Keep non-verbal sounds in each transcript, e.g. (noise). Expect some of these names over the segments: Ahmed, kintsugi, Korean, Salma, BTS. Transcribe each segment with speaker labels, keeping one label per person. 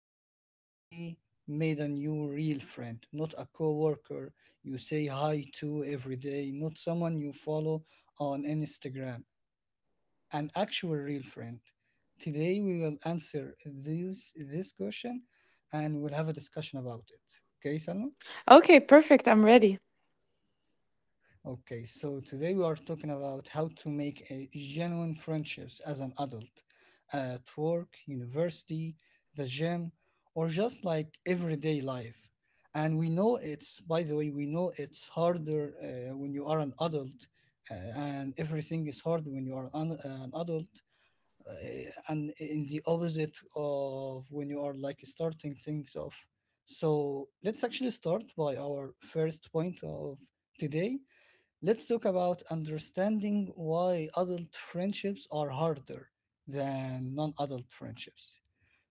Speaker 1: anyone actually made a new real friend? Not a coworker you say hi to every day, not someone you follow on Instagram, an actual real friend. Today we will answer this question and we'll have a discussion about it. Okay, Salma?
Speaker 2: Okay, perfect. I'm ready.
Speaker 1: Okay, so today we are talking about how to make a genuine friendships as an adult at work, university, the gym, or just like everyday life. And we know it's, by the way, we know it's harder when you are an adult, and everything is hard when you are an adult, uh, and in the opposite of when you are like starting things off. So let's actually start by our first point of today. Let's talk about understanding why adult friendships are harder than non adult friendships.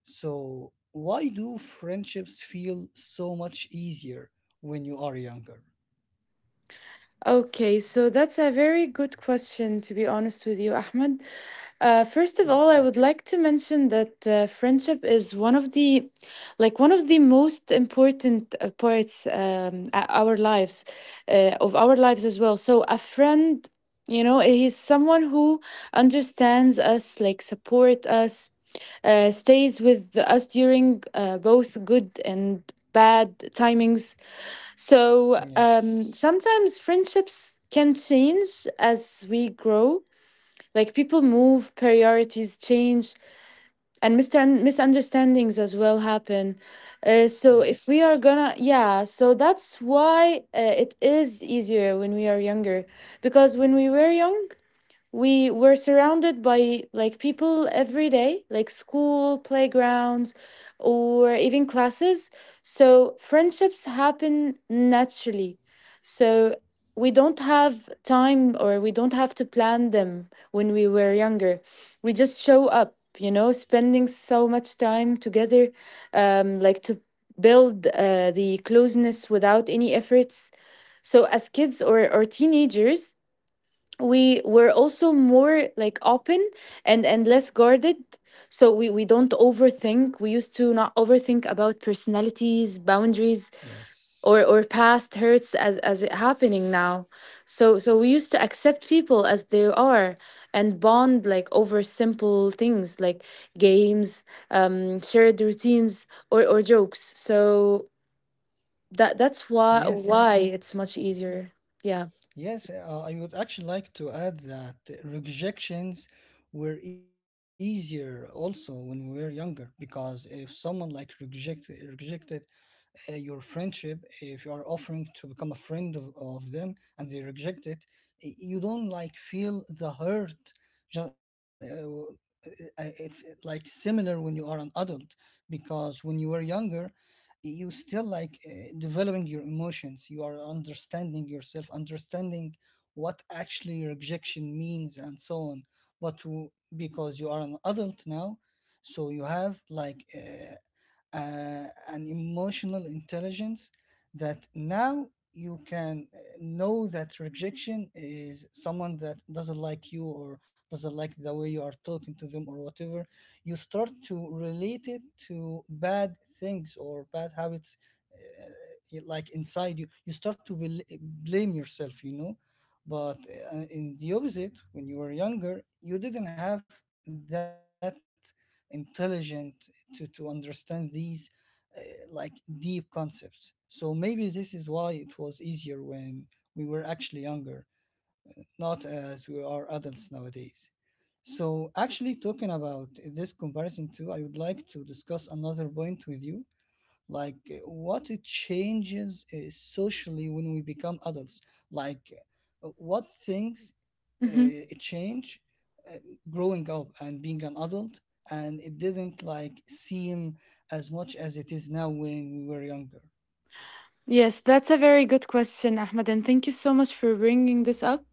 Speaker 1: So, why do friendships feel so much easier when you are younger?
Speaker 2: Okay, so that's a very good question, to be honest with you, Ahmed. First of all, I
Speaker 1: Okay.
Speaker 2: would like to mention that friendship is like one of the most important parts our lives, of our lives as well. So a friend, you know, he's someone who understands us, like support us, stays with us during both good and bad timings so
Speaker 1: Yes.
Speaker 2: sometimes friendships can change as we grow. Like people move, priorities change, and misunderstandings as well happen. So if we are
Speaker 1: Yes.
Speaker 2: gonna, yeah, so that's why it is easier when we are younger. Because when we were young, we were surrounded by like people every day, like school playgrounds or even classes, so friendships happen naturally. So we don't have time, or we don't have to plan them when we were younger. We just show up, you know, spending so much time together, like to build the closeness without any efforts. So as kids or teenagers, we were also more like open and less guarded. So we don't overthink. We used to not overthink about personalities, boundaries, or
Speaker 1: Yes.
Speaker 2: or past hurts as it happening now. So so we used to accept people as they are and bond like over simple things like games, shared routines, or jokes. So that that's why
Speaker 1: Yes.
Speaker 2: why
Speaker 1: Yes.
Speaker 2: it's much easier. Yeah
Speaker 1: Yes. I would actually like to add that rejections were easier also when we were younger because if someone like rejected your friendship if you are offering to become a friend of them and they reject it, you don't like feel the hurt. It's like similar when you are an adult, because when you were younger you still like developing your emotions, you are understanding yourself, understanding what actually rejection means and so on. but w- because you are an adult now, so you have like an emotional intelligence that now you can know that rejection is someone that doesn't like you or doesn't like the way you are talking to them or whatever. You start to relate it to bad things or bad habits. Like inside you, you start to blame yourself, you know. But in the opposite, when you were younger you didn't have that intelligent to understand these uh, like deep concepts. So maybe this is why it was easier when we were actually younger, not as we are adults nowadays. So, actually, talking about this comparison too, I would like to discuss another point with you. Like, what it changes socially when we become adults. Like, what things uh,
Speaker 2: (laughs)
Speaker 1: change uh, growing up and being an adult, and it didn't like seem as much as it is now when we were younger.
Speaker 2: Yes, that's a very good question, Ahmed, and thank you so much for bringing this up.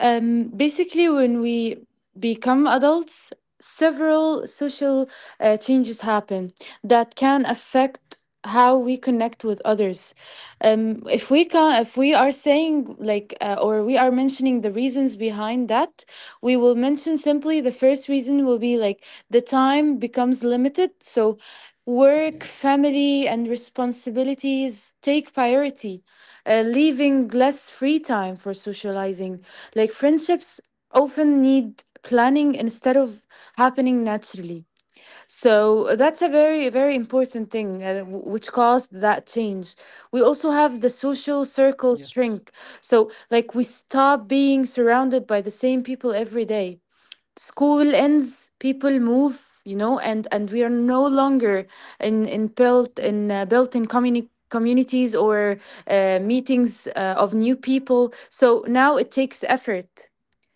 Speaker 2: Basically, when we become adults, several social changes happen that can affect how we connect with others. If we are saying like, or we are mentioning the reasons behind that, we will mention simply the first reason will be like the time becomes limited. So work,
Speaker 1: Yes.
Speaker 2: family, and responsibilities take priority, leaving less free time for socializing. Like friendships often need planning instead of happening naturally. So that's a very, very important thing which caused that change. We also have the social
Speaker 1: Yes.
Speaker 2: circle shrink. So, like, we stop being surrounded by the same people every day. School ends, people move, you know, and we are no longer in built in communities or meetings of new people. So now it takes effort.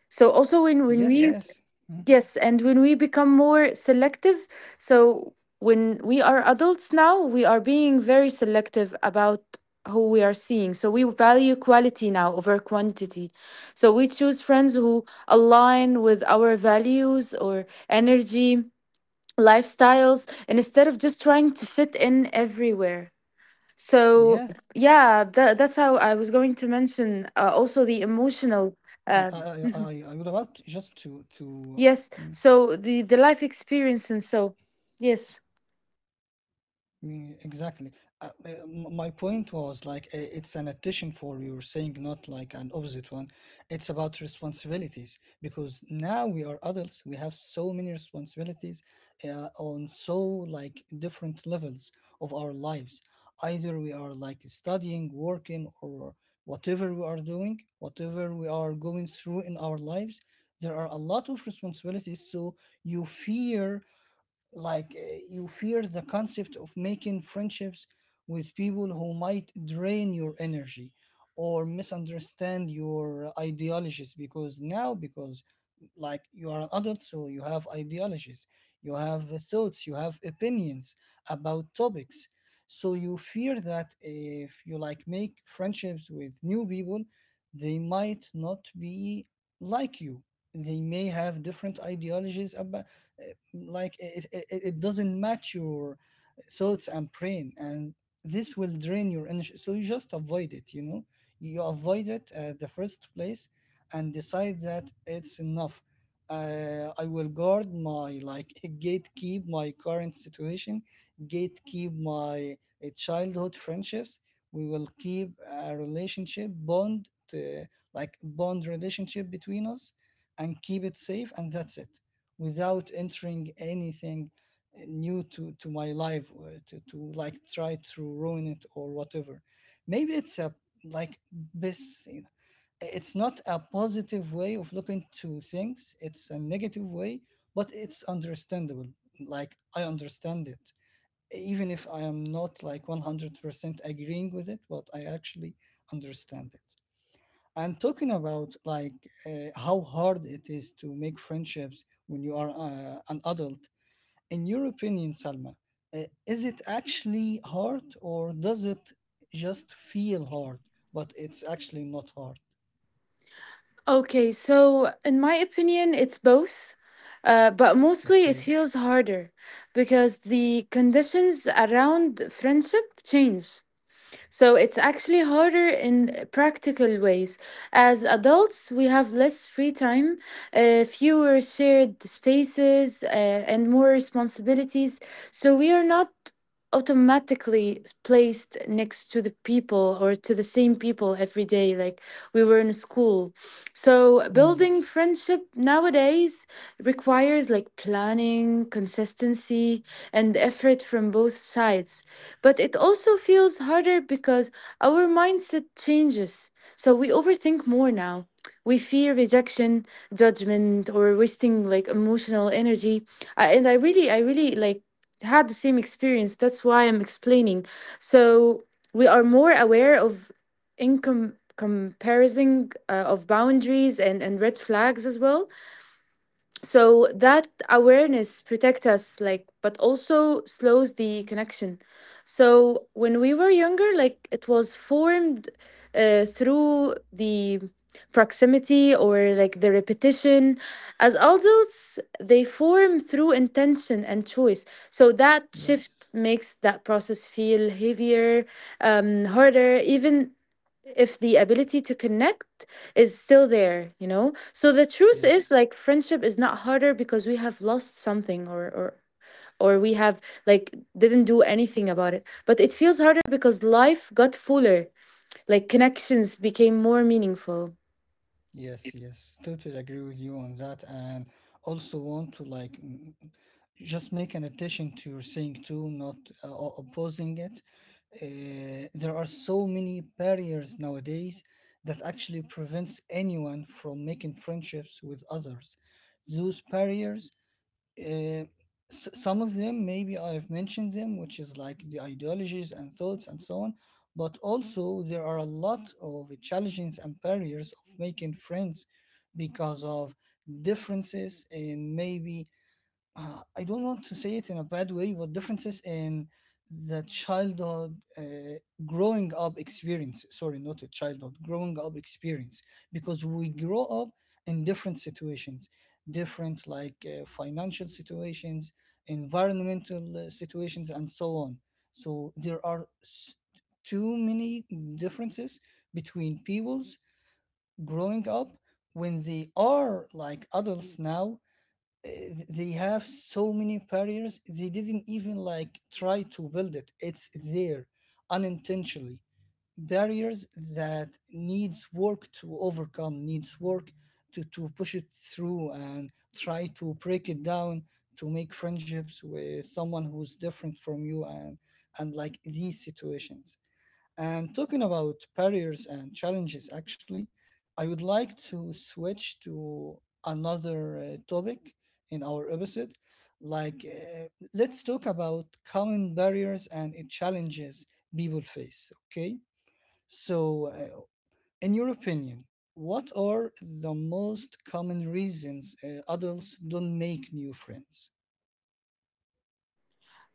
Speaker 2: So also when we.
Speaker 1: Yes.
Speaker 2: Yeah.
Speaker 1: Yes. Mm.
Speaker 2: Yes, and when we become more selective, so when we are adults now, we are being very selective about who we are seeing. So we value quality now over quantity. So we choose friends who align with our values or energy, lifestyles, and instead of just trying to fit in everywhere. So
Speaker 1: Yes.
Speaker 2: yeah, that,
Speaker 1: Mm.
Speaker 2: that's how I was going to
Speaker 1: I, I,
Speaker 2: mention
Speaker 1: I,
Speaker 2: also the
Speaker 1: I I would about
Speaker 2: emotional
Speaker 1: just
Speaker 2: uh,
Speaker 1: to mm.
Speaker 2: Yes, so the life experience and so. Yes.
Speaker 1: Mm, exactly. My point was like it's an addition for your saying, not like an opposite one. It's about responsibilities because now we are adults. We have so many responsibilities on so like different levels of our lives. Either we are like studying, working, or whatever we are doing, whatever we are going through in our lives. There are a lot of responsibilities, so you fear like you fear the concept of making friendships with people who might drain your energy or misunderstand your ideologies, because now, because like you are an adult, so you have ideologies, you have thoughts, you have opinions about topics. So you fear that if you like make friendships with new people, they might not be like you. They may have different ideologies about like it doesn't match your thoughts and brain and this will drain your energy, so you just avoid it, you know. You avoid it at the first place and decide that it's enough. I will guard my, like, (laughs) gatekeep my current situation, gatekeep my childhood friendships. We will keep a relationship bond, uh, like bond relationship between us, and keep it safe, and that's it, without entering anything new to my life to like try to ruin it or whatever. Maybe it's a like best, it's not a positive way of looking to things, it's a negative way, but it's understandable. Like, I understand it, even if I am not like 100% agreeing with it, but I actually understand it. And talking about like how hard it is to make friendships when you are an adult, in your opinion Salma, is it actually hard, or does it just feel hard but it's actually not hard?
Speaker 2: Okay, so in my opinion, it's both. But mostly it
Speaker 1: Okay.
Speaker 2: feels harder because the conditions around friendship change. So it's actually harder in practical ways. As adults, we have less free time, fewer shared spaces, and more responsibilities. So we are not automatically placed next to the people, or to the same people every day like we were in school. So
Speaker 1: Mm.
Speaker 2: building
Speaker 1: Yes,
Speaker 2: friendship nowadays requires like planning, consistency, and effort from both sides. But it also feels harder because our mindset changes. So we overthink more now. We fear rejection, judgment, or wasting like emotional energy. And I really like had the same experience. That's why I'm explaining. So we are more aware of income comparison, of boundaries and red flags as well. So that awareness protect us, like, but also slows the connection. So when we were younger, like it was formed through the proximity or like the repetition. As adults they form through intention and choice. So that shift
Speaker 1: yes,
Speaker 2: makes that process feel heavier, harder, even if the ability to connect is still there, you know. So the truth is,
Speaker 1: yes,
Speaker 2: like, friendship is not harder because we have lost something, or we have like didn't do anything about it. But it feels harder because life got fuller, like connections became more meaningful.
Speaker 1: yes, Yes, Totally agree with you on that, and also want to like mm, just make an addition to your saying too, not opposing it. There are so many barriers nowadays that actually prevents anyone from making friendships with others. Those barriers, uh, some of them maybe I've mentioned them, which is like the ideologies and thoughts and so on. But also there are a lot of challenges and barriers of making friends because of differences in maybe I don't want to say it in a bad way, but differences in the childhood growing up experience. Sorry, not a childhood, growing up experience. Because we grow up in different situations, different like financial situations, environmental situations, and so on. So there are too many differences between peoples growing up. When they are like adults now, uh, they have so many barriers, they didn't even like try to build it, it's there unintentionally, barriers that needs work to overcome, needs work to push it through and try to break it down, to make friendships with someone who's different from you and like these situations. And talking about barriers and challenges, actually, I would like to switch to another topic in our episode. Like, let's talk about common barriers and challenges people face. Okay. So, in your opinion, what are the most common reasons adults don't make new friends?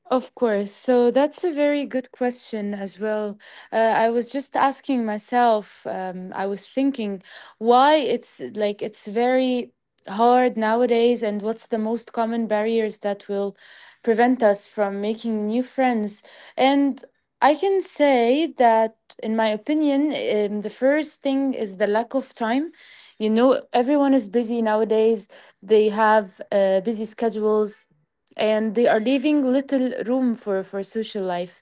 Speaker 2: Of course. So that's a very good question as well. I was just asking myself, I was thinking why it's like it's very hard nowadays and what's the most common barriers that will prevent us from making new friends. And I can say that, in my opinion, the first thing is the lack of time. You know, everyone is busy nowadays. They have busy schedules, and they are leaving little room for social life.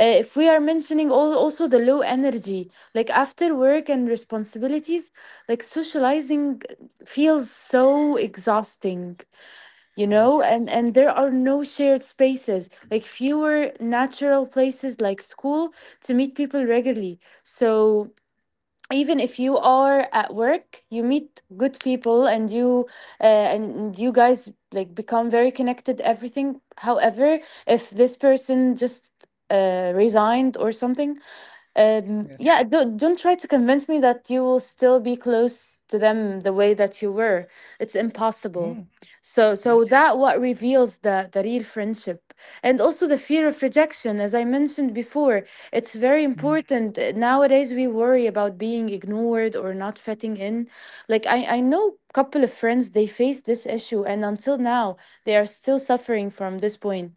Speaker 2: If we are mentioning all, also the low energy, like after work and responsibilities, like socializing feels so exhausting, you know. and
Speaker 1: Yes.
Speaker 2: and there are no shared spaces, like fewer natural places like school to meet people regularly. So even if you are at work, you meet good people, uh, and you guys like become very connected, everything. However, if this person just resigned or something,
Speaker 1: Yes.
Speaker 2: yeah, don't try to convince me that you will still be close to them the way that you were. It's impossible.
Speaker 1: Mm.
Speaker 2: So so
Speaker 1: Yes.
Speaker 2: that what reveals the real friendship. And also the fear of rejection, as I mentioned before. It's very
Speaker 1: Mm.
Speaker 2: important. Nowadays we worry about being ignored or not fitting in. Like I know couple of friends, they face this issue, and until now they are still suffering from this point.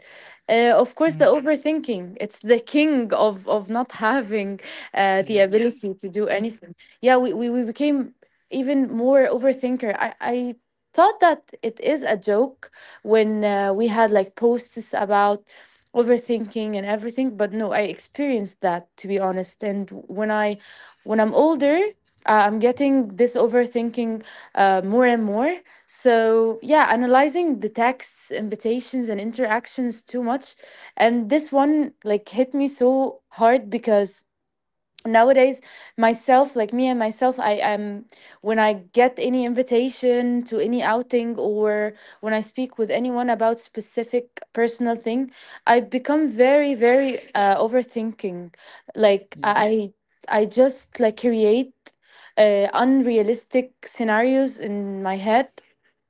Speaker 2: Uh, of course,
Speaker 1: Mm.
Speaker 2: the overthinking. It's the king of not (laughs) having the
Speaker 1: Yes.
Speaker 2: ability to do anything. Yeah, we became even more overthinker. I thought that it is a joke when we had like posts about overthinking and everything, but no, I experienced that, to be honest. And when I'm older, I'm getting this overthinking more and more. So, yeah, analyzing the texts, invitations, and interactions too much. And this one like hit me so hard, because nowadays myself, like me and myself, I am when I get any invitation to any outing, or when I speak with anyone about specific personal thing, I become very, very overthinking. Like
Speaker 1: Yes.
Speaker 2: I just like create unrealistic scenarios in my head.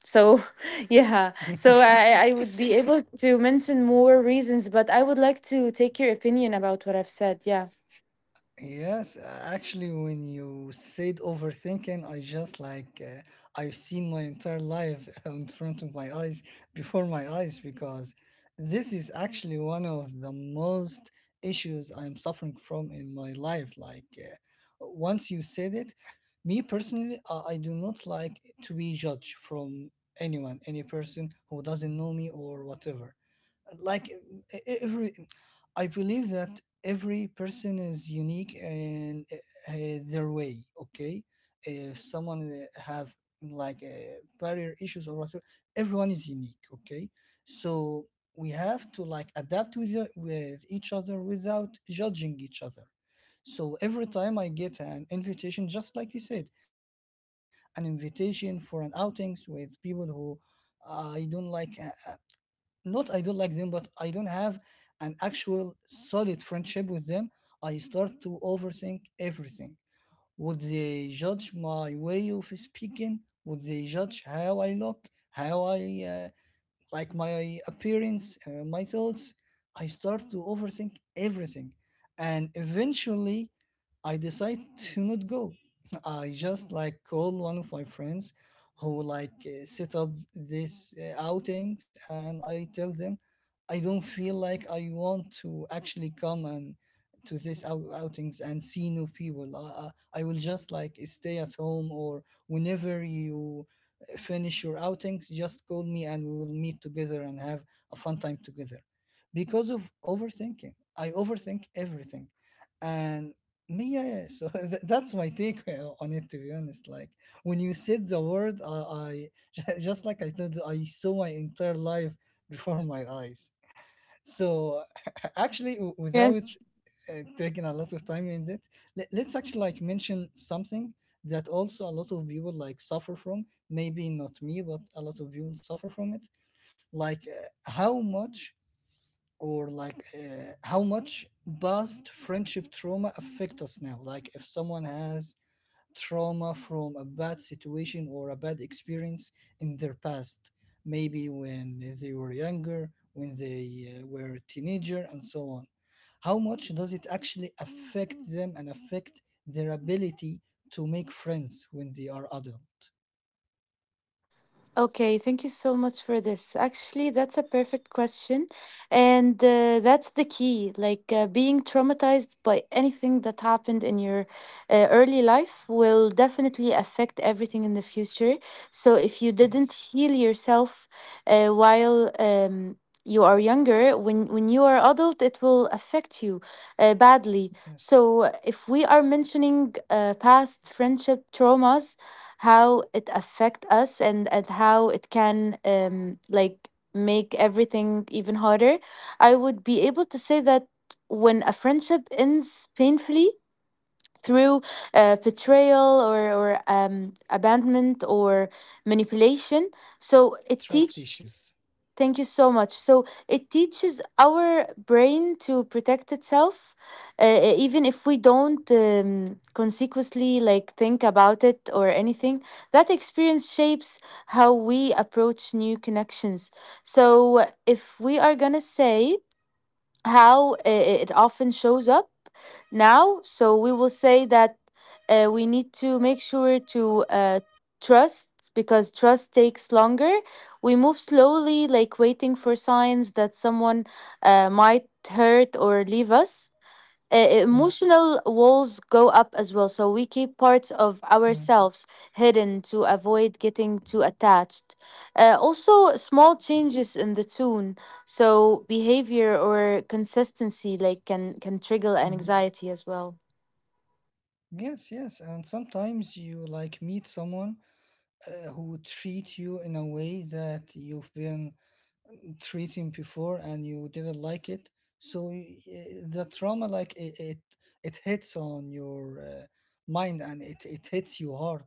Speaker 2: So (laughs) yeah, so I would be able to mention more reasons, but I would like to take your opinion about what I've said. Yeah
Speaker 1: Yes, a- Actually, when you said overthinking, I just like I've seen my entire life (laughs) in front of my eyes, before my eyes, because this is actually one of the most issues I'm suffering from in my life. Like, once you said it, me personally, I do not like to be judged from anyone, any person who doesn't know me or whatever. Like, every, I believe that every person is unique in their way, okay? If someone have like barrier issues or whatever, everyone is unique, okay? So we have to like adapt with the- with each other without judging each other. So every time I get an invitation, just like you said, an invitation for an outings with people who I don't like, not I don't like them, but I don't have an actual solid friendship with them. I start to overthink everything. Would they judge my way of speaking? Would they judge how I look, how I uh, like my appearance, my thoughts? I start to overthink everything, and eventually I decide to not go. I just like call one of my friends who like set up these outings, and I tell them I don't feel like I want to actually come and to this outings and see new people. I will just like stay at home, or whenever you finish your outings, just call me and we will meet together and have a fun time together. Because of overthinking, I overthink everything and no. Yeah. So (laughs) that's my take on it. To be honest, like when you said the word, I (laughs) just like I told, you, I saw my entire life (laughs) before my eyes. So (laughs) actually, without taking a lot of time in it, let's actually like mention something that also a lot of people like suffer from. Maybe not me, but a lot of people suffer from it. Like how much, or like how much past friendship trauma affect us now. Like if someone has trauma from a bad situation or a bad experience in their past, maybe when they were younger, when they were a teenager and so on, how much does it actually affect them and affect their ability to make friends when they are adult?
Speaker 2: Okay, thank you so much for this. Actually, that's a perfect question. And that's the key. Like being traumatized by anything that happened in your early life will definitely affect everything in the future. So if you didn't
Speaker 1: Yes.
Speaker 2: heal yourself while you are younger, when you are adult, it will affect you badly.
Speaker 1: Yes.
Speaker 2: So if we are mentioning past friendship traumas, how it affect us, and how it can like make everything even harder, I would be able to say that when a friendship ends painfully through betrayal, or abandonment, or manipulation, so it
Speaker 1: Trust
Speaker 2: teaches.
Speaker 1: issues.
Speaker 2: Thank you so much. So it teaches our brain to protect itself, even if we don't consequently like think about it or anything. That experience shapes how we approach new connections. So if we are gonna say how it often shows up now. So we will say that we need to make sure to trust, because trust takes longer. We move slowly, like waiting for signs that someone might hurt or leave us. Uh,
Speaker 1: Mm.
Speaker 2: emotional walls go up as well. So we keep parts of
Speaker 1: Mm.
Speaker 2: ourselves hidden to avoid getting too attached. Also, small changes in the tune, so behavior or consistency, like can trigger
Speaker 1: Mm.
Speaker 2: anxiety as well.
Speaker 1: Yes, yes, and sometimes you like meet someone who treat you in a way that you've been treating before and you didn't like it. So the trauma, like, it hits on your, mind, and it hits you hard,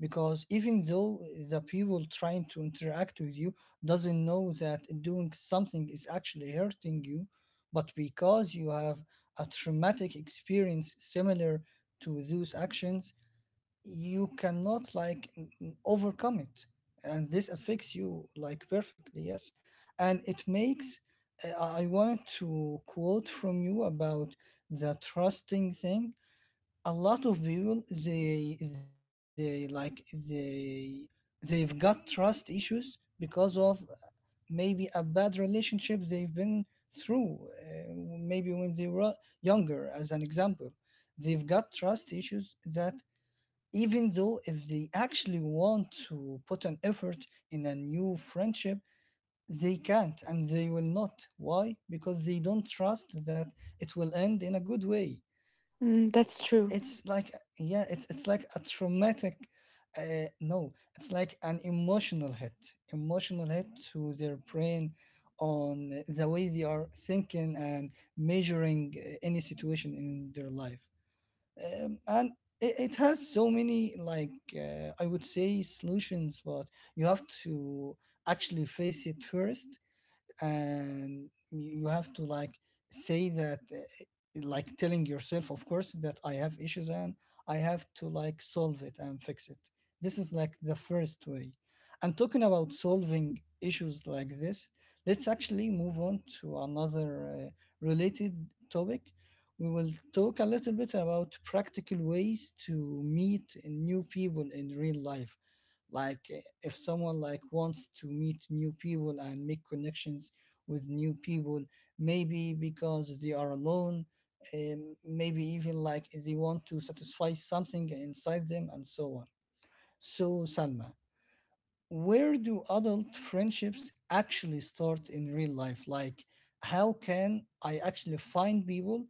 Speaker 1: because even though the people trying to interact with you doesn't know that doing something is actually hurting you, but because you have a traumatic experience similar to those actions, you cannot, like, overcome it, and this affects you like perfectly, yes. and it makes I wanted to quote from you about the trusting thing. A lot of people, they they like they they've got trust issues because of maybe a bad relationship they've been through, uh, maybe when they were younger as an example. They've got trust issues that even though if they actually want to put an effort in a new friendship, they can't, and they will not. Why? Because they don't trust that it will end in a good way.
Speaker 2: Mm, that's true.
Speaker 1: It's like, yeah, it's like a traumatic, no, it's like an emotional hit, emotional hit to their brain, on the way they are thinking and measuring, any situation in their life. And it has so many, like, I would say, solutions, but you have to actually face it first. And you have to, like, say that, like, telling yourself, of course, that I have issues and I have to, like, solve it and fix it. This is, like, the first way. And talking about solving issues like this, let's actually move on to another, related topic. We will talk a little bit about practical ways to meet new people in real life. Like, if someone, like, wants to meet new people and make connections with new people, maybe because they are alone, maybe even, like, they want to satisfy something inside them, and so on. So, Salma, where do adult friendships actually start in real life? Like, how can I actually find people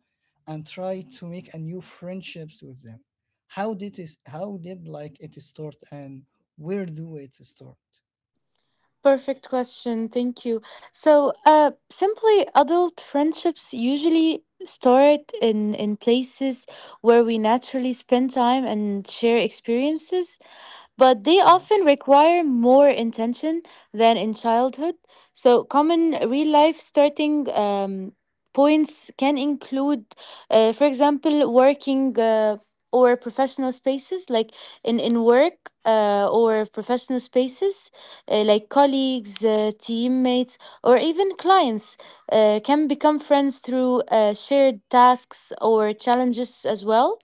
Speaker 1: and try to make a new friendships with them? How did, like, it start, and where do it start?
Speaker 2: Perfect question. Thank you. So, simply, adult friendships usually start in places where we naturally spend time and share experiences, but they often
Speaker 1: Yes.
Speaker 2: require more intention than in childhood. So, common real life starting points can include, for example, working. Or professional spaces like in work or professional spaces, like colleagues, teammates, or even clients, can become friends through shared tasks or challenges as well.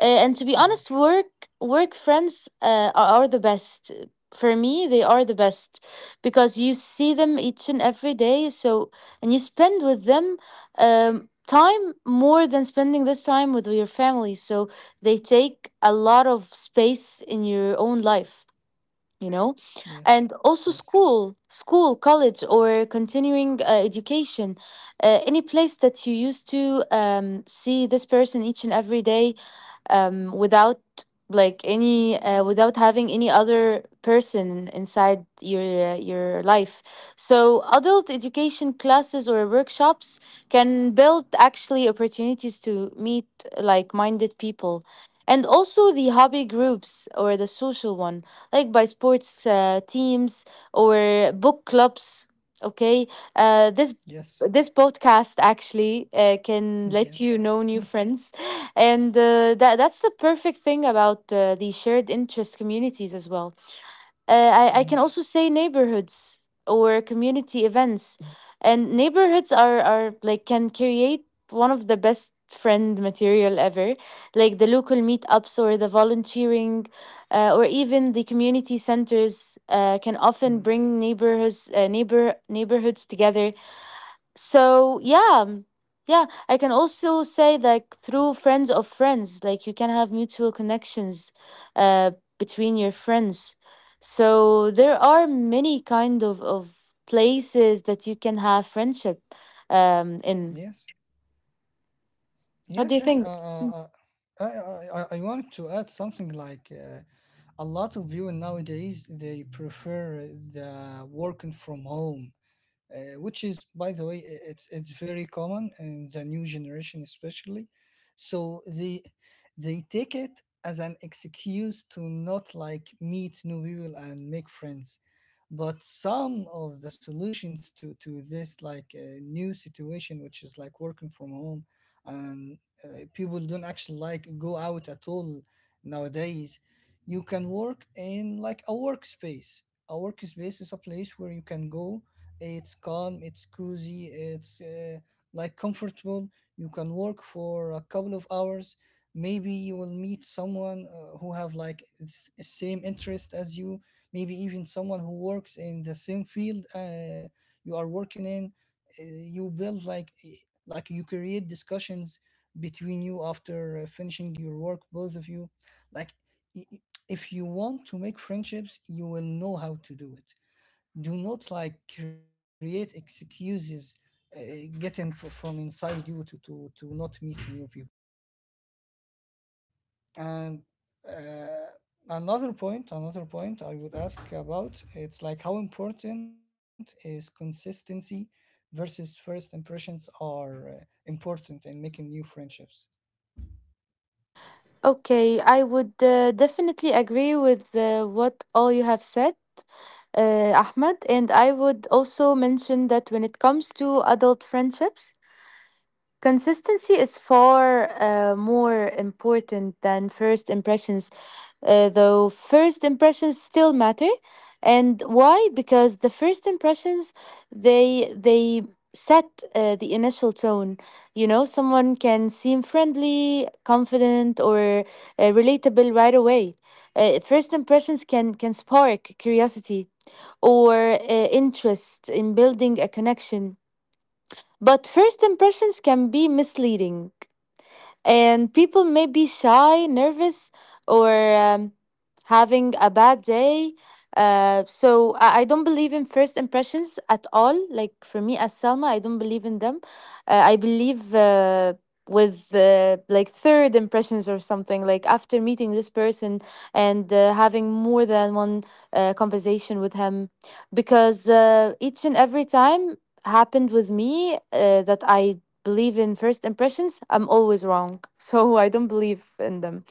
Speaker 2: And to be
Speaker 1: Mm.
Speaker 2: honest, work friends are the best. For me, they are the best, because you see them each and every day. So, and you spend with them, time, more than spending this time with your family. So, they take a lot of space in your own life, you know
Speaker 1: Yes.
Speaker 2: and also
Speaker 1: Yes.
Speaker 2: school, college, or continuing education, any place that you used to see this person each and every day, without like any without having any other person inside your life. So adult education classes or workshops can build actually opportunities to meet like minded people. And also the hobby groups or the social one, like by sports teams or book clubs. Okay. This
Speaker 1: Yes.
Speaker 2: this podcast actually can
Speaker 1: (laughs)
Speaker 2: let
Speaker 1: Yes.
Speaker 2: you know new
Speaker 1: Mm.
Speaker 2: friends. And that's the perfect thing about the shared interest communities as well. I
Speaker 1: Mm.
Speaker 2: can also say neighborhoods or community events, and neighborhoods are like can create one of the best friend material ever, like the local meetups or the volunteering, or even the community centers can often
Speaker 1: Mm.
Speaker 2: bring neighborhoods together. So yeah. Yeah, I can also say like through friends of friends, like you can have mutual connections uh between your friends. So there are many kind of places that you can have friendship in.
Speaker 1: Yes. Yes. Yes. I wanted to add something, like, a lot of people nowadays, they prefer the working from home, which is, by the way, it's very common in the new generation, especially. So they take it as an excuse to not, like, meet new people and make friends. But some of the solutions to this, like, new situation, which is like working from home, and people don't actually, like, go out at all nowadays. You can work in, like, a workspace. A workspace is a place where you can go. It's calm, it's cozy, it's, like, comfortable. You can work for a couple of hours. Maybe you will meet someone, who have, like, same interest as you. Maybe even someone who works in the same field, you are working in. You build, like, like, you create discussions between you after, finishing your work, both of you. Like, i- i- if you want to make friendships, you will know how to do it. Do not, like, create excuses, uh, getting from inside you to not meet new people. And, uh, another point I would ask about, it's like, how important is consistency versus first impressions are, important in making new friendships.
Speaker 2: Okay, I would definitely agree with what all you have said, Ahmed, and I would also mention that when it comes to adult friendships, consistency is far more important than first impressions, though first impressions still matter. And why? Because the first impressions they set the initial tone. You know, someone can seem friendly, confident, or relatable right away. First impressions can spark curiosity or interest in building a connection. But first impressions can be misleading, and people may be shy, nervous, or having a bad day. So I don't believe in first impressions at all. Like for me, as Selma, I don't believe in them. I believe with like third impressions or something. Like after meeting this person and having more than one conversation with him, because each and every time happened with me that I believe in first impressions, I'm always wrong. (laughs) So I don't believe in them.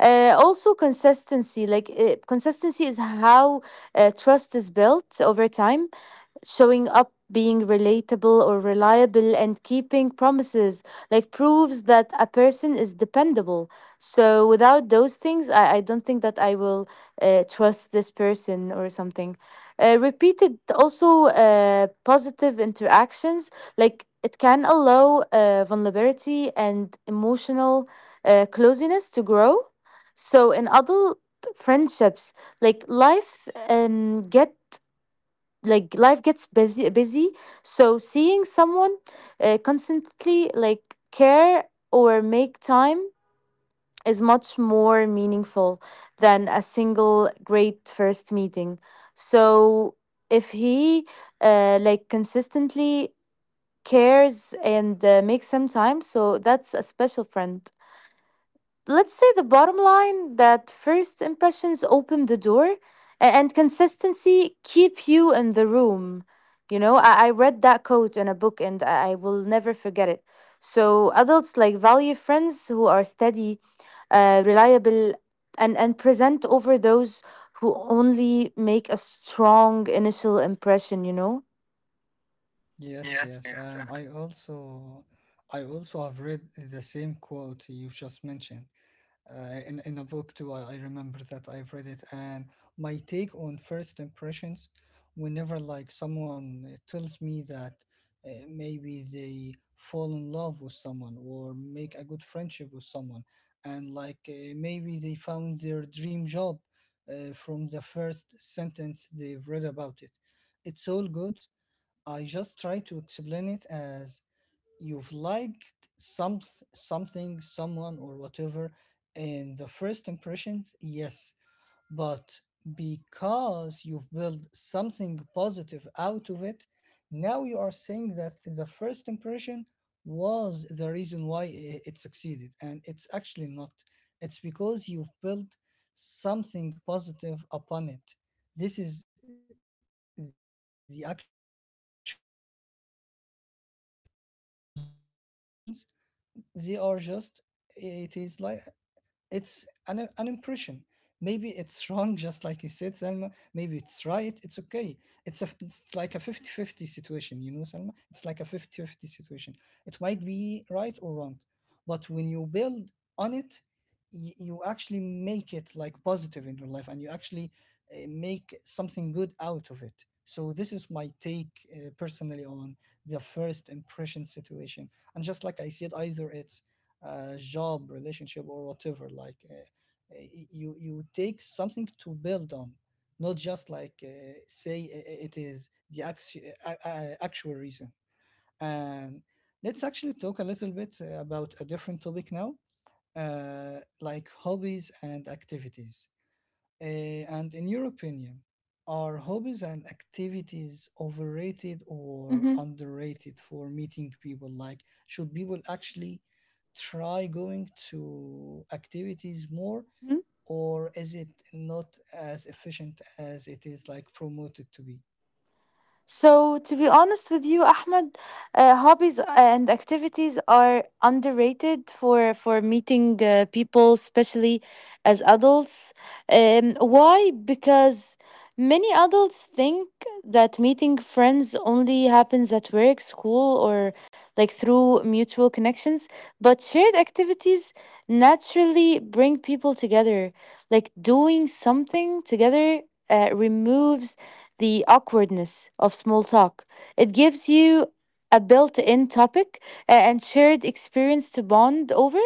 Speaker 2: Also, consistency. Like consistency is how trust is built over time. Showing up, being relatable or reliable, and keeping promises like proves that a person is dependable. So without those things, I don't think that I will trust this person or something. Repeated also positive interactions, like it can allow vulnerability and emotional closeness to grow. So in adult friendships, like life um, get like life gets busy, so seeing someone constantly like care or make time is much more meaningful than a single great first meeting. So if he like consistently cares and makes some time, so that's a special friend. Let's say the bottom line, that first impressions open the door, and consistency keep you in the room. You know, I read that quote in a book, and I will never forget it. So adults like value friends who are steady, reliable, and present over those who only make a strong initial impression, you know.
Speaker 1: Yes, yes, and I also, I also have read the same quote you just mentioned, in a book too. I remember that I've read it, and my take on first impressions: whenever, like, someone, tells me that, maybe they fall in love with someone or make a good friendship with someone, and, like, maybe they found their dream job, from the first sentence they've read about it, it's all good. I just try to explain it as, you've liked something, someone or whatever, in the first impressions, yes, but because you've built something positive out of it, now you are saying that the first impression was the reason why it succeeded, and it's actually not. It's because you've built something positive upon it. This is the actual reason. Because first impressions, they are just, it is like, it's an impression. Maybe it's (laughs) wrong, just like you said, selma maybe it's right, it's okay. It's a, it's like a fifty-fifty situation, selma it's like a fifty-fifty situation. It might be right or wrong, but when you build on it, you actually make it, like, positive in your life, and you actually, make something good out of it. So this is my take, personally, on the first impression situation. And just like I said, either it's a job, relationship or whatever, like, you take something to build on, not just, like, say, it is the actual reason. And let's actually talk a little bit, about a different topic now, like, hobbies and activities. Uh, and in your opinion, are hobbies and activities overrated or
Speaker 2: Mm-hmm.
Speaker 1: underrated for meeting people? Like, should people actually try going to activities more, or is it not as efficient as it is, like, promoted to be?
Speaker 2: So, to be honest with you, Ahmed, hobbies and activities are underrated for meeting people, especially as adults. Why? Because many adults think that meeting friends only happens at work, school, or like through mutual connections. But shared activities naturally bring people together. Like doing something together removes the awkwardness of small talk. It gives you a built in topic and shared experience to bond over.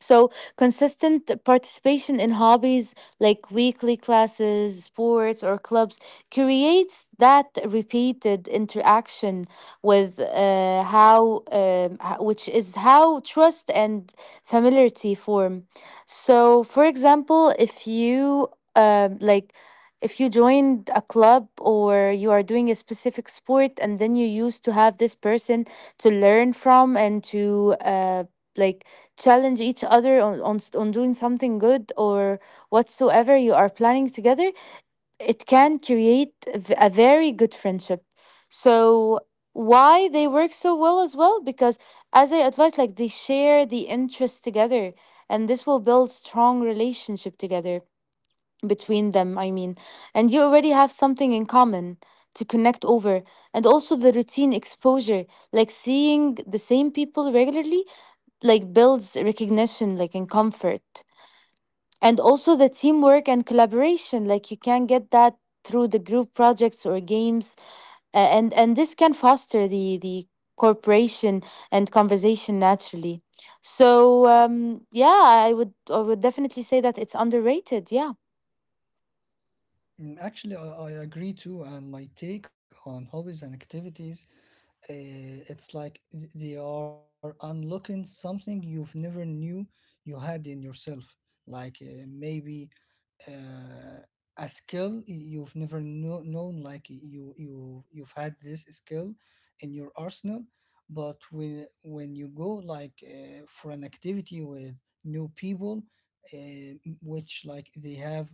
Speaker 2: So, consistent participation in hobbies, like weekly classes, sports, or clubs, creates that repeated interaction which is how trust and familiarity form. So, for example, if you like, if you joined a club or you are doing a specific sport, and then you used to have this person to learn from and to like challenge each other on doing something good or whatsoever you are planning together, it can create a very good friendship. So, why they work so well as well? Because, as I advise, like they share the interest together, and this will build strong relationship together between them, I mean, and you already have something in common to connect over. And also the routine exposure, like seeing the same people regularly, like builds recognition, like in comfort. And also the teamwork and collaboration, like you can get that through the group projects or games. And this can foster the cooperation and conversation naturally. So yeah, I would definitely say that it's underrated. Yeah.
Speaker 1: Mm. Actually, I agree too, and my take on hobbies and activities, it's like, they are unlocking something you've never knew you had in yourself. Like, maybe, uh, a skill you've never known, like, you've had this skill in your arsenal, but when you go, like, for an activity with new people, which, like, they have,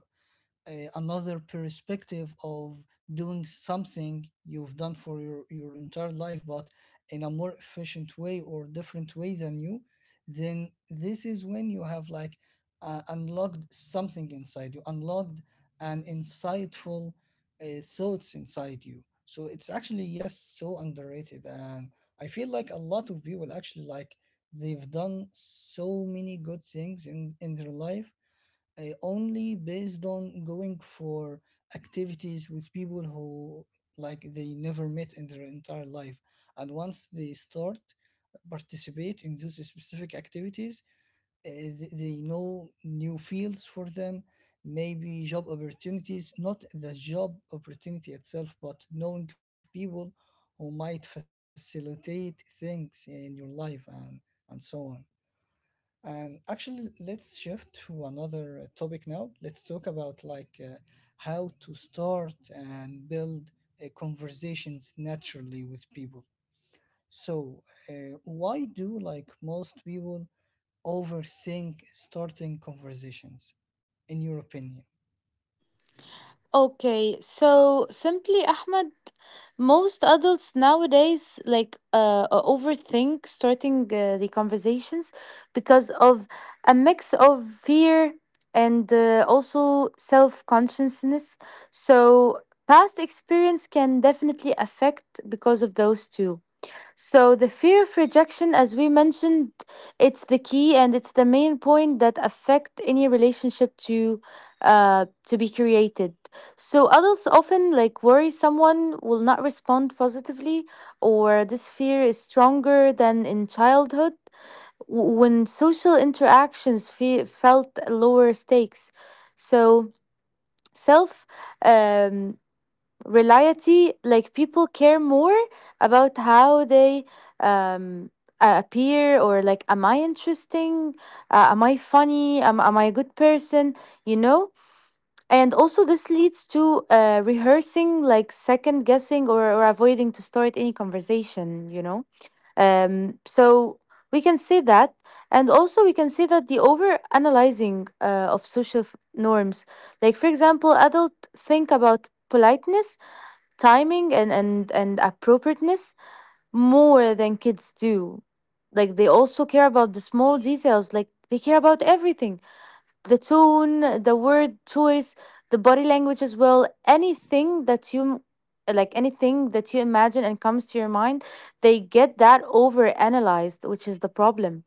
Speaker 1: another perspective of doing something you've done for your entire life, but in a more efficient way or different way than you, then this is when you have, like, unlocked something inside you, unlocked an insightful, thoughts inside you. So it's actually, yes, so underrated. And I feel like a lot of people actually, like, they've done so many good things in their life, only based on going for activities with people who, like, they never met in their entire life, and once they start participate in those specific activities, they know new fields for them, maybe job opportunities, not the job opportunity itself, but knowing people who might facilitate things in your life, and so on. And actually, let's shift to another, topic now. Let's talk about, like, how to start and build, conversations naturally with people. So, why do, like, most people overthink starting conversations, in your opinion?
Speaker 2: Okay, so simply, Ahmed, most adults nowadays overthink starting the conversations because of a mix of fear and also self-consciousness. So past experience can definitely affect because of those two. So the fear of rejection, as we mentioned, it's the key, and it's the main point that affect any relationship to be created. So adults often like worry someone will not respond positively, or this fear is stronger than in childhood when social interactions felt lower stakes. So self um, reality, like people care more about how they um appear, or like, am I interesting, am I funny, am I a good person, you know? And also this leads to rehearsing, like second guessing or avoiding to start any conversation, you know. Um, so we can say that, and also we can say that the over analyzing of social norms, like for example, adults think about politeness, timing, and appropriateness more than kids do. Like they also care about the small details, like they care about everything: the tone, the word choice, the body language as well, anything that you like, anything that you imagine and comes to your mind, they get that over analyzed which is the problem.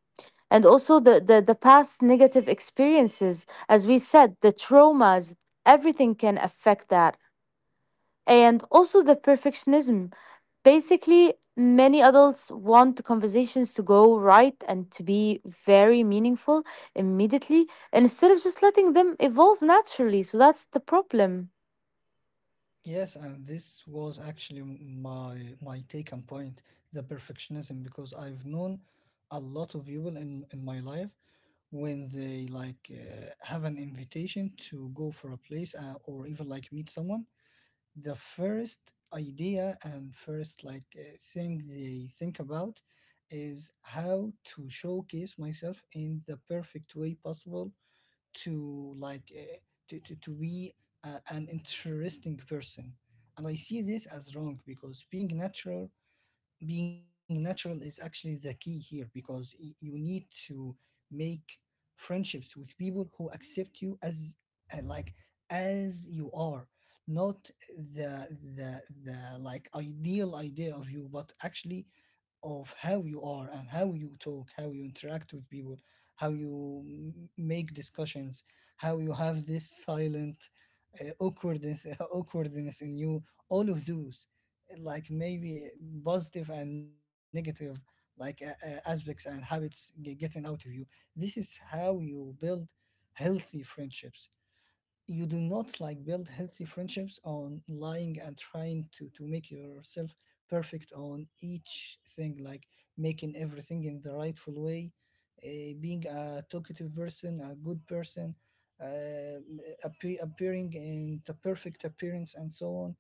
Speaker 2: And also the past negative experiences, as we said, the traumas, everything can affect that. And also the perfectionism. Basically, many adults want conversations to go right and to be very meaningful immediately, instead of just letting them evolve naturally. So that's the problem.
Speaker 1: Yes, and this was actually my take and point, the perfectionism, because I've known a lot of people in my life. When they, like, have an invitation to go for a place, or even, like, meet someone, the first idea and first, like, thing they think about is how to showcase myself in the perfect way possible, to, like, to be, an interesting person. And I see this as wrong, because being natural, being natural is actually the key here, because you need to make friendships with people who accept you as, like, as you are, not the the like ideal idea of you, but actually of how you are, and how you talk, how you interact with people, how you make discussions, how you have this silent, awkwardness, (laughs) awkwardness in you. All of those, like, maybe positive and negative, like, aspects and habits getting out of you, this is how you build healthy friendships. You do not, like, build healthy friendships on lying and trying to make yourself perfect on each thing, like, making everything in the rightful way, being a talkative person, a good person, uh, appearing in the perfect appearance, and so on.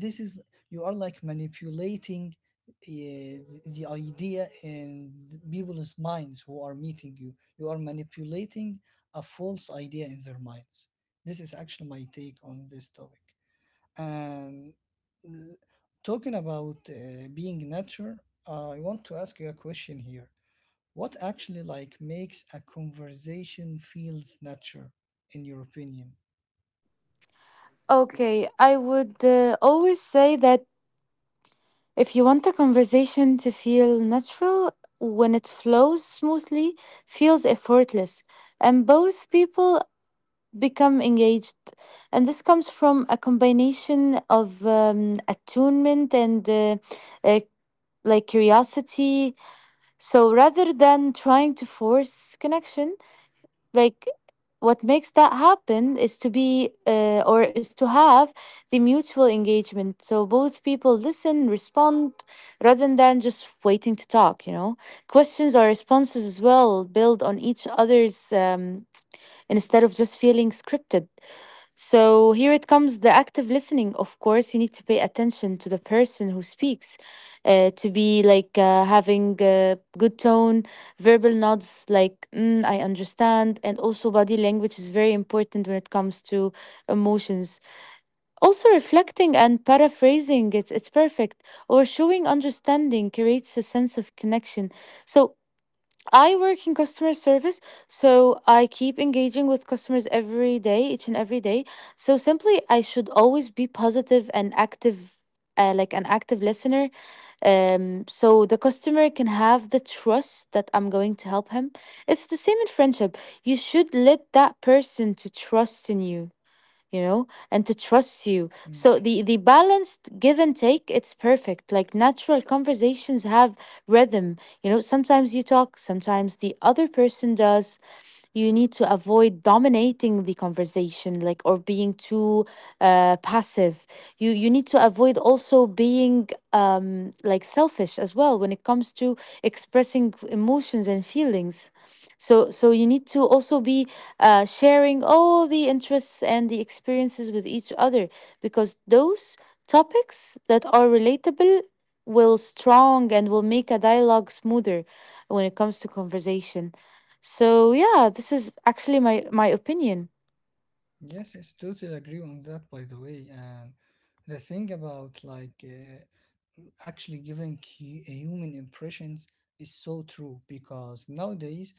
Speaker 1: This is, you are, like, manipulating, uh, the idea in people's minds who are meeting you. You are manipulating a false idea in their minds. This is actually my take on this topic. And, uh, talking about, being nature, I want to ask you a question here. What actually, like, makes a conversation feels natural, in your opinion?
Speaker 2: Okay, I would always say that if you want a conversation to feel natural, when it flows smoothly, feels effortless, and both people become engaged. And this comes from a combination of attunement and uh, like curiosity. So rather than trying to force connection, like what makes that happen is to be or is to have the mutual engagement. So both people listen, respond, rather than just waiting to talk. You know, questions or responses as well build on each other's, instead of just feeling scripted. So here it comes the active listening. Of course, you need to pay attention to the person who speaks, to be like having a good tone, verbal nods like mm, I understand, and also body language is very important when it comes to emotions. Also, reflecting and paraphrasing, it's perfect or showing understanding creates a sense of connection. So I work in customer service, so I keep engaging with customers every day, each and every day. So simply, I should always be positive and active. Like an active listener, so the customer can have the trust that I'm going to help him. It's the same in friendship. You should let that person to trust in you, you know, and to trust you.
Speaker 1: Mm.
Speaker 2: So the balanced give and take, it's perfect, like natural conversations have rhythm. You know, sometimes you talk, sometimes the other person does. You need to avoid dominating the conversation like, or being too passive. You need to avoid also being like selfish as well when it comes to expressing emotions and feelings. So you need to also be sharing all the interests and the experiences with each other, because those topics that are relatable will strong and will make a dialogue smoother when it comes to conversation. So yeah, this is actually my opinion.
Speaker 1: Yes, yes, totally agree on that, by the way. And the thing about like actually giving human impressions is so true because nowadays,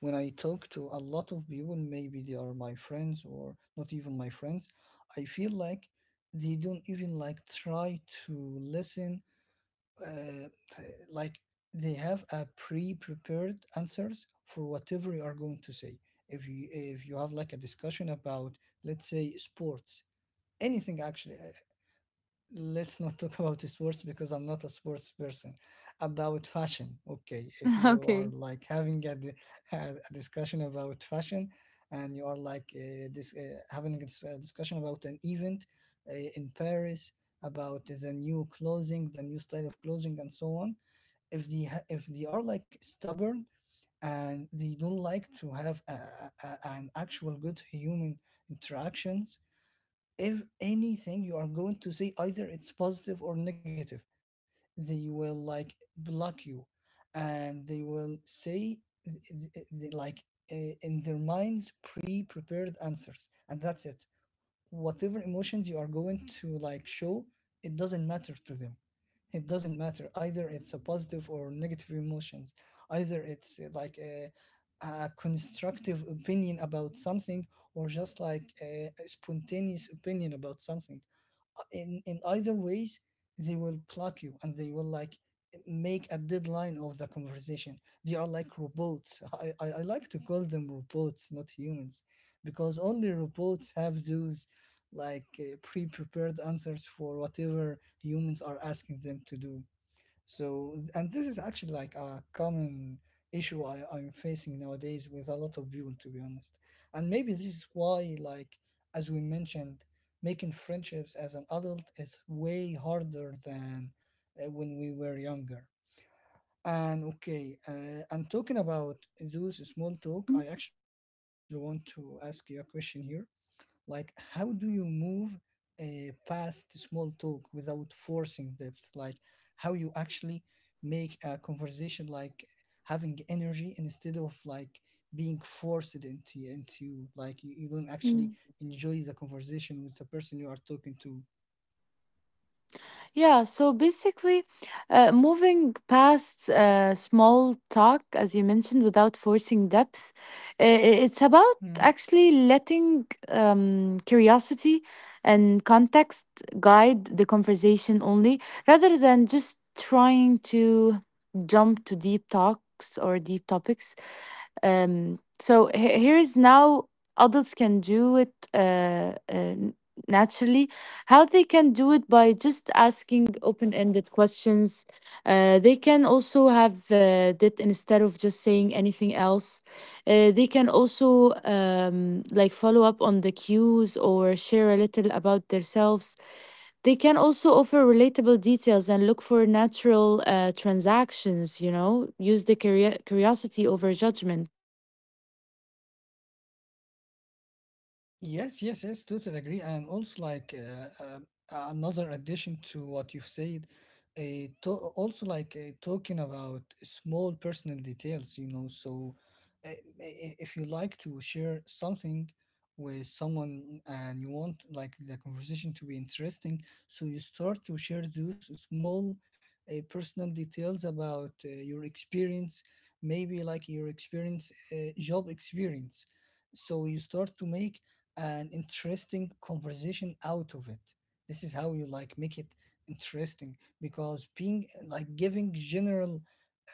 Speaker 1: when I talk to a lot of people, maybe they are my friends or not even my friends, I feel like they don't even like try to listen uh, like they have a pre-prepared answers for whatever you are going to say if you have like a discussion about, let's say, sports, anything actually. Let's not talk (laughs) about sports because I'm not a sports person, about fashion. Okay, if
Speaker 2: (laughs)
Speaker 1: you are
Speaker 2: Okay.
Speaker 1: like having (laughs) a discussion about fashion, and you are like this, having a discussion about an event in Paris, about the new clothing, the new style of clothing and so on. If they if they are like stubborn and they don't like to have an actual good human interactions, if anything you are going to say, either it's positive or negative, they will like block you and they will say th- th- th- like in their minds pre-prepared answers and that's it. Whatever emotions you are going to like show, it doesn't matter to them. It doesn't matter. Either it's a positive or negative emotions. Either it's a constructive opinion about something, or just like a spontaneous opinion about something, in either ways, they will block you and they will like make a deadline of the conversation. They are like robots. I like to call them robots, not humans, because only robots have those like pre-prepared answers for whatever humans are asking them to do. And this is actually like a common issue I'm facing nowadays with a lot of people, to be honest. And maybe this is why, like, as we mentioned, making friendships as an adult is way harder than when we were younger. And okay, and talking about those small talk, I actually want to ask you a question here, like, how do you move past small talk without forcing depth? Like, how you actually make a conversation like having energy instead of like being forced into like you don't actually
Speaker 2: Mm.
Speaker 1: enjoy the conversation with the person you are talking to.
Speaker 2: Yeah, so basically, moving past small talk, as you mentioned, without forcing depth, it's about
Speaker 1: Hmm.
Speaker 2: actually letting curiosity and context guide the conversation only, rather than just trying to jump to deep talks or deep topics. So here is now adults can do it. Naturally, how they can do it by just asking open ended questions. They can also have that instead of just saying anything else. They can also like follow up on the cues or share a little about themselves. They can also offer relatable details and look for natural transactions, you know, use the curiosity over judgment.
Speaker 1: Yes, yes, yes, totally agree. And also, like another addition to what you've said, uh, to also like talking about small personal details, you know. So, if you like to share something with someone and you want like the conversation to be interesting, so you start to share those small personal details about your experience, maybe like your experience, job experience. So you start to make an interesting conversation out of it. This is how you like make it interesting, because being like giving general,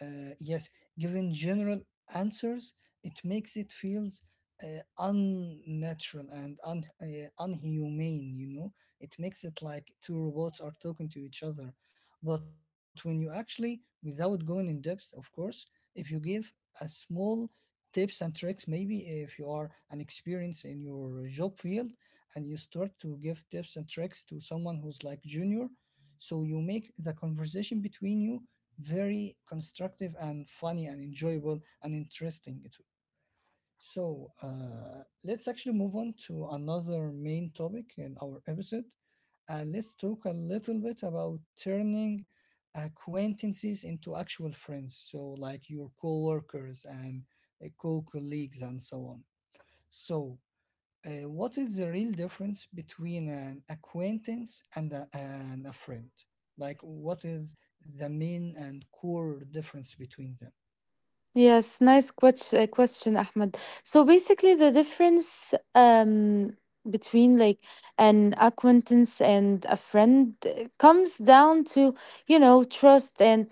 Speaker 1: yes, giving general answers, it makes it feels unnatural and un unhumane, you know. It makes it like two robots are talking to each other. But when you actually, without going in depth of course, if you give a small tips and tricks, maybe if you are an inexperienced in your job field and you start to give tips and tricks to someone who's like junior, so you make the conversation between you very constructive and funny and enjoyable and interesting it. So let's actually move on to another main topic in our episode. And let's talk a little bit about turning acquaintances into actual friends. So, like your co workers and co colleagues and so on. So, what is the real difference between an acquaintance and a friend? Like, what is the main and core difference between them?
Speaker 2: Yes, nice question, Ahmed. So basically, the difference between like an acquaintance and a friend comes down to, you know, trust and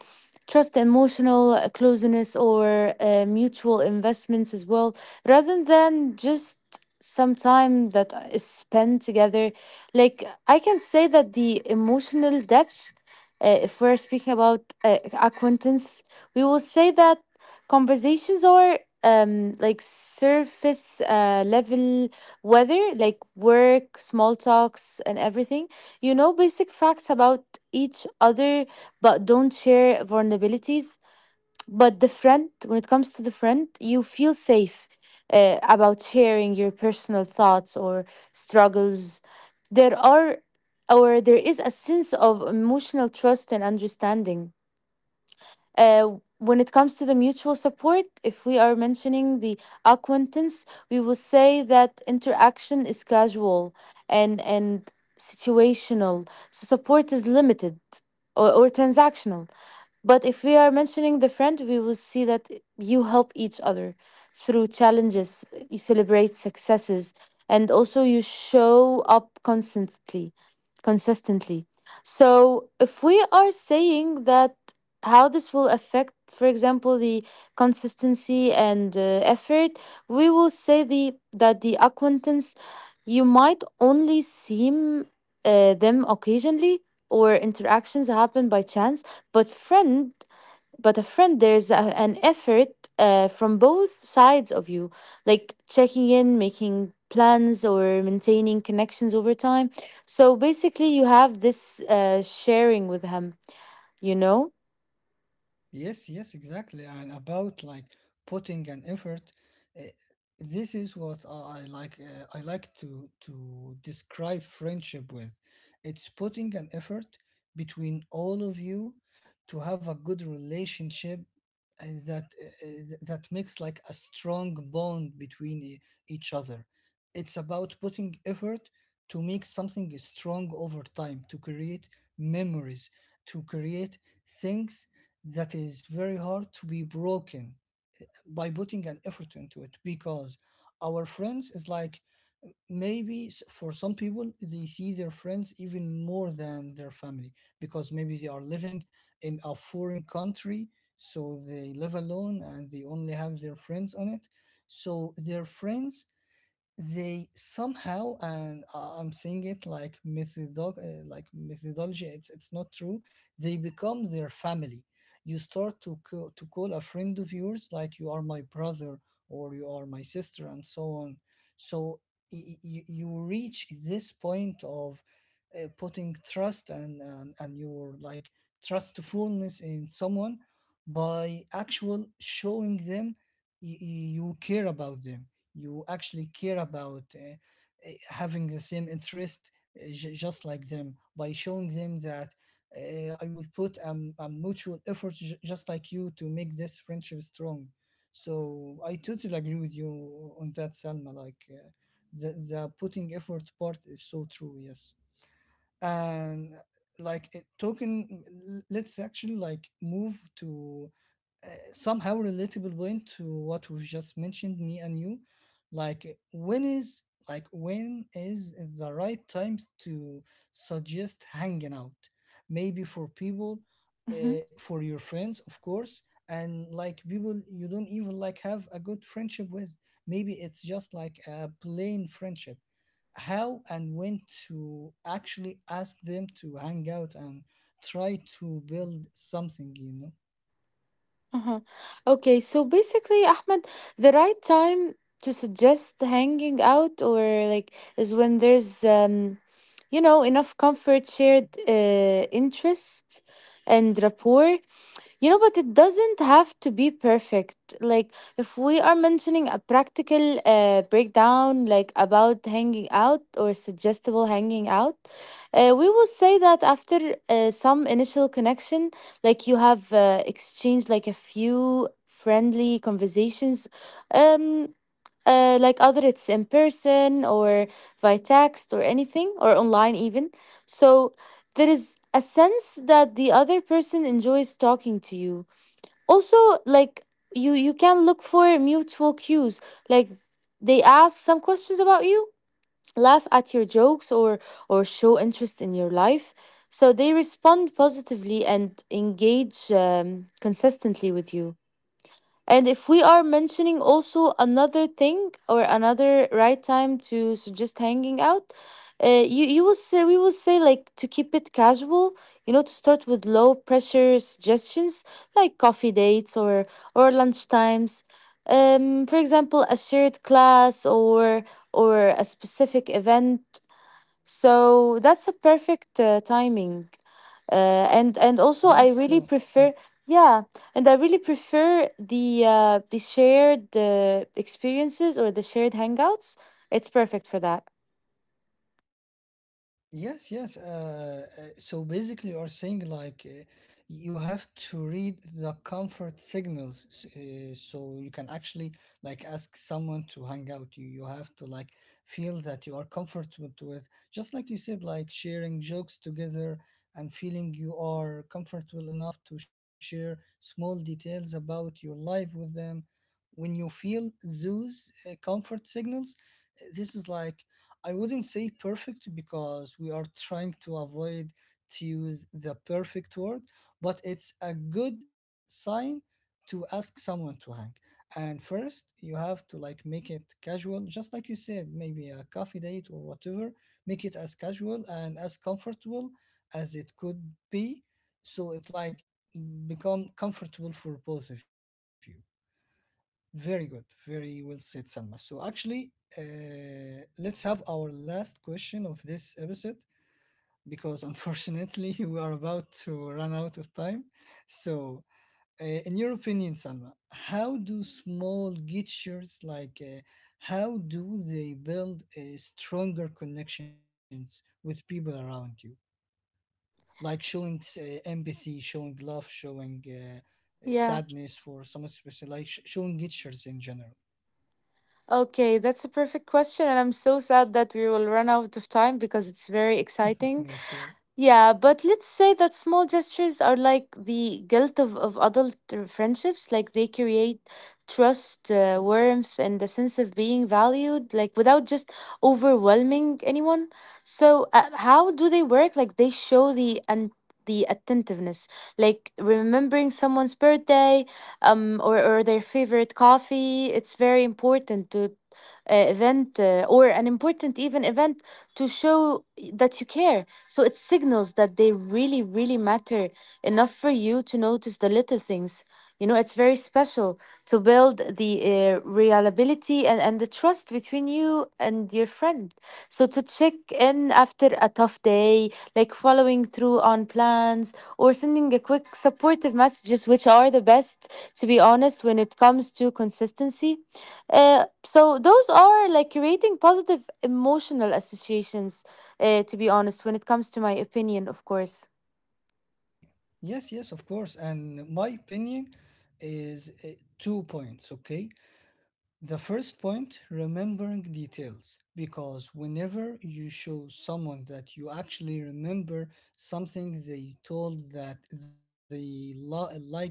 Speaker 2: trust, emotional closeness, or mutual investments as well, rather than just some time that is spent together. Like, I can say that the emotional depth, if we're speaking about acquaintance, we will say that conversations are like surface level, whether like work, small talks and everything, you know, basic facts about each other, but don't share vulnerabilities. But the friend, when it comes to the friend, you feel safe about sharing your personal thoughts or struggles. There are or there is a sense of emotional trust and understanding. When it comes to the mutual support, if we are mentioning the acquaintance, we will say that interaction is casual and situational. So support is limited or transactional. But if we are mentioning the friend, we will see that you help each other through challenges, you celebrate successes, and also you show up consistently. So if we are saying that how this will affect, for example, the consistency and effort, we will say the that the acquaintance, you might only seem them occasionally or interactions happen by chance. but friend but a friend, there's an effort from both sides of you, like checking in, making plans, or maintaining connections over time. So basically you have this sharing with him, you know.
Speaker 1: Yes, yes, exactly. And about like putting an effort, uh, this is what I like. I like to describe friendship with. It's putting an effort between all of you to have a good relationship that makes like a strong bond between each other. It's about putting effort to make something strong over time, to create memories, to create things that is very hard to be broken by putting an effort into it, because our friends is like, maybe for some people they see their friends even more than their family, because maybe they are living in a foreign country, so they live alone and they only have their friends on it. So their friends, they somehow, and I'm saying it like like methodology, it's not true, they become their family. You start to to call a friend of yours like, you are my brother or you are my sister and so on. So you reach this point of putting trust and, and your like trustfulness in someone by actual showing them you care about them. You actually care about having the same interest, just like them, by showing them that I will put a mutual effort just like you to make this friendship strong. So I totally agree with you on that, Salma. Like the putting effort part is so true. Yes, and like it, talking, let's actually like move to somehow relatable point to what we've just mentioned, me and you. Like when is, like when is the right time to suggest hanging out? Maybe for people,
Speaker 2: Mhm.
Speaker 1: for your friends, of course, and like people you don't even like have a good friendship with. Maybe it's just like a plain friendship. How and when to actually ask them to hang out and try to build something, you know?
Speaker 2: Uh-huh. Okay, so basically, Ahmed, the right time to suggest hanging out, or like is when there's you know enough comfort, shared interest and rapport. You know, but it doesn't have to be perfect. Like, if we are mentioning a practical breakdown, like about hanging out or suggestible hanging out, we will say that after some initial connection, like you have exchanged like a few friendly conversations. Um, like, other it's in person or via text or anything, or online even. So there is a sense that the other person enjoys talking to you. Also, like, you can look for mutual cues, like they ask some questions about you, laugh at your jokes, or show interest in your life, so they respond positively and engage consistently with you. And if we are mentioning also another thing or another right time to suggest hanging out, you will say, we will say, like, to keep it casual, you know, to start with low pressure suggestions like coffee dates or lunch times. For example, a shared class or a specific event. So that's a perfect timing, and
Speaker 1: Yes,
Speaker 2: also I
Speaker 1: so,
Speaker 2: really
Speaker 1: mm,
Speaker 2: prefer, yeah, and I really prefer the shared experiences or the shared hangouts. It's perfect for that.
Speaker 1: yes, yes. So basically, you're saying like you have to read the comfort signals, so you can actually like ask someone to hang out. You have to like feel that you are comfortable with, just like you said, like sharing jokes together and feeling you are comfortable enough to share small details about your life with them. When you feel those comfort signals, this is like, I wouldn't say perfect, because we are trying to avoid to use the perfect word, but it's a good sign to ask someone to hang. And first, you have to like make it casual, just like you said, maybe a coffee date or whatever. Make it as casual and as comfortable as it could be, so it like become comfortable for both of you. Very good. Very well said, Salma. So, actually, let's have our last question of this episode because unfortunately (laughs) we are about to run out of time. So, in your opinion, Salma, how do small gestures, like how do they build stronger connections with people around you? Like showing empathy, showing love, showing
Speaker 2: Yeah,
Speaker 1: sadness for someone special, like showing gestures in general.
Speaker 2: okay, that's a perfect question, and I'm so sad that we will run out of time because it's very exciting.
Speaker 1: Me too.
Speaker 2: Yeah, but let's say that small gestures are like the guilt of adult friendships. Like they create trust, warmth, and the sense of being valued, like without just overwhelming anyone. So, how do they work? Like they show the attentiveness, like remembering someone's birthday, or their favorite coffee. It's very important to event or an important even event to show that you care, so it signals that they really, really matter enough for you to notice the little things. You know, it's very special to build the reliability and the trust between you and your friend. So to check in after a tough day, like following through on plans or sending a quick supportive messages, which are the best, to be honest, when it comes to consistency. So those are like creating positive emotional associations, to be honest, when it comes to my opinion, of course.
Speaker 1: Yes, yes, of course. And my opinion is two points, okay? The first point, remembering details, because whenever you show someone that you actually remember something they told that they like it,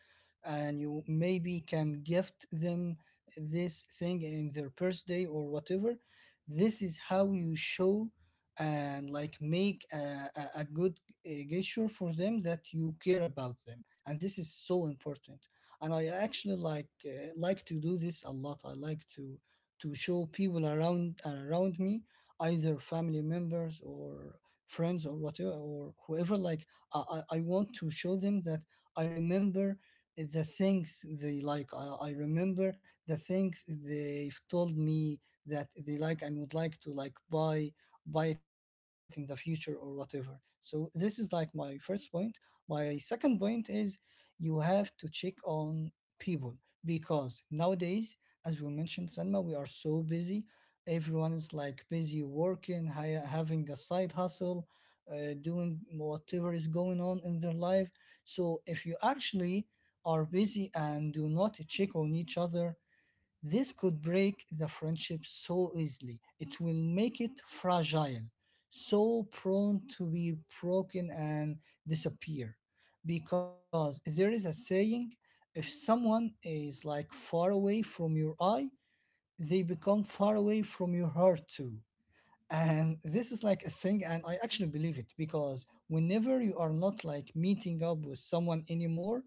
Speaker 1: and you maybe can gift them this thing in their birthday or whatever, this is how you show and like make a good gesture for them that you care about them, and this is so important. And I actually like to do this a lot. I like to show people around me, either family members or friends or whatever or whoever, like I want to show them that I remember the things they like. I remember the things they've told me that they like and would like to like buy it in the future or whatever. So this is like my first point. My second point is, you have to check on people, because nowadays, as we mentioned, Selma, we are so busy. Everyone is like busy working, having a side hustle, doing whatever is going on in their life. So if you actually are busy and do not check on each other, this could break the friendship so easily. It will make it fragile, so prone to be broken and disappear. Because there is a saying, if someone is like far away from your eye, they become far away from your heart too. And this is like a thing, and I actually believe it, because whenever you are not like meeting up with someone anymore,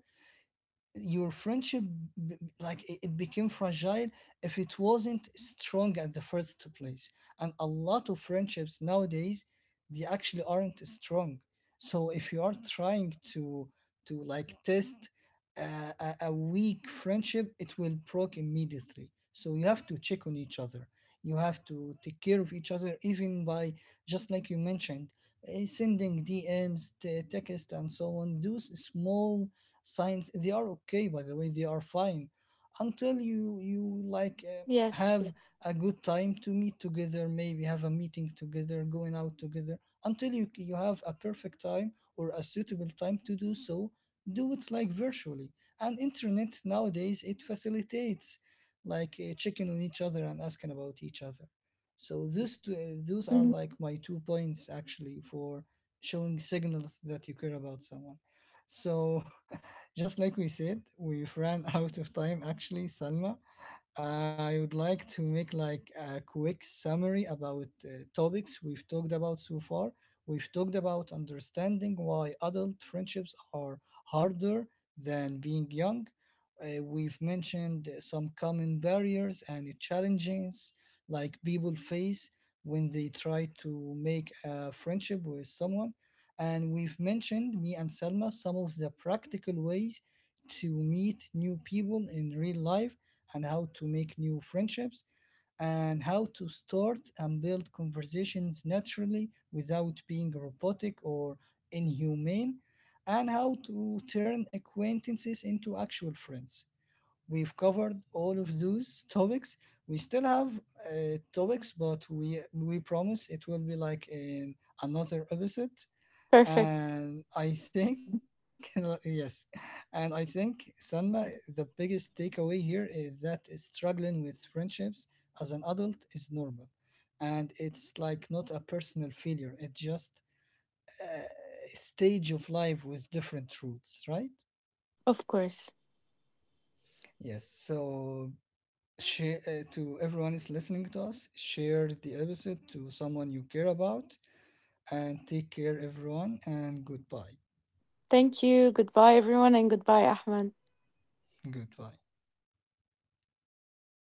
Speaker 1: your friendship like it became fragile if it wasn't strong at the first place. And a lot of friendships nowadays, they actually aren't strong. So if you are trying to like test a weak friendship, it will broke immediately. So you have to check on each other, you have to take care of each other, even by just like you mentioned, eh, sending dms, text and so on. Those small science, they are okay, by the way, they are fine, until you like
Speaker 2: Yes.
Speaker 1: have a good time to meet together, maybe have a meeting together, going out together, until you have a perfect time or a suitable time to do so, do it like virtually. And internet nowadays, it facilitates like checking on each other and asking about each other. So those two, those are
Speaker 2: Mhm.
Speaker 1: like my two points actually for showing signals that you care about someone. So, just like we said, we've ran (laughs) out of time actually, Salma. I would like to make like a quick summary about topics we've talked about so far. We've talked about understanding why adult friendships are harder than being young. We've mentioned some common barriers and challenges like people face when they try to make a friendship with someone, and we've mentioned, me and Selma, some of the practical ways to meet new people in real life, and how to make new friendships, and how to start and build conversations naturally without being robotic or inhumane, and how to turn acquaintances into actual friends. We've covered all of those topics. We still have topics, but we promise it will be like in another episode.
Speaker 2: Perfect.
Speaker 1: And I think, (laughs) yes, and I think, Sanma, the biggest takeaway here is that struggling with friendships as an adult is normal. And it's like not a personal failure, it's just a stage of life with different truths, right?
Speaker 2: Of course.
Speaker 1: Yes, so share, to everyone is listening to us, share the episode to someone you care about, and take care, everyone, and goodbye.
Speaker 2: Thank you. Goodbye, everyone, and goodbye, Ahmed.
Speaker 1: Goodbye.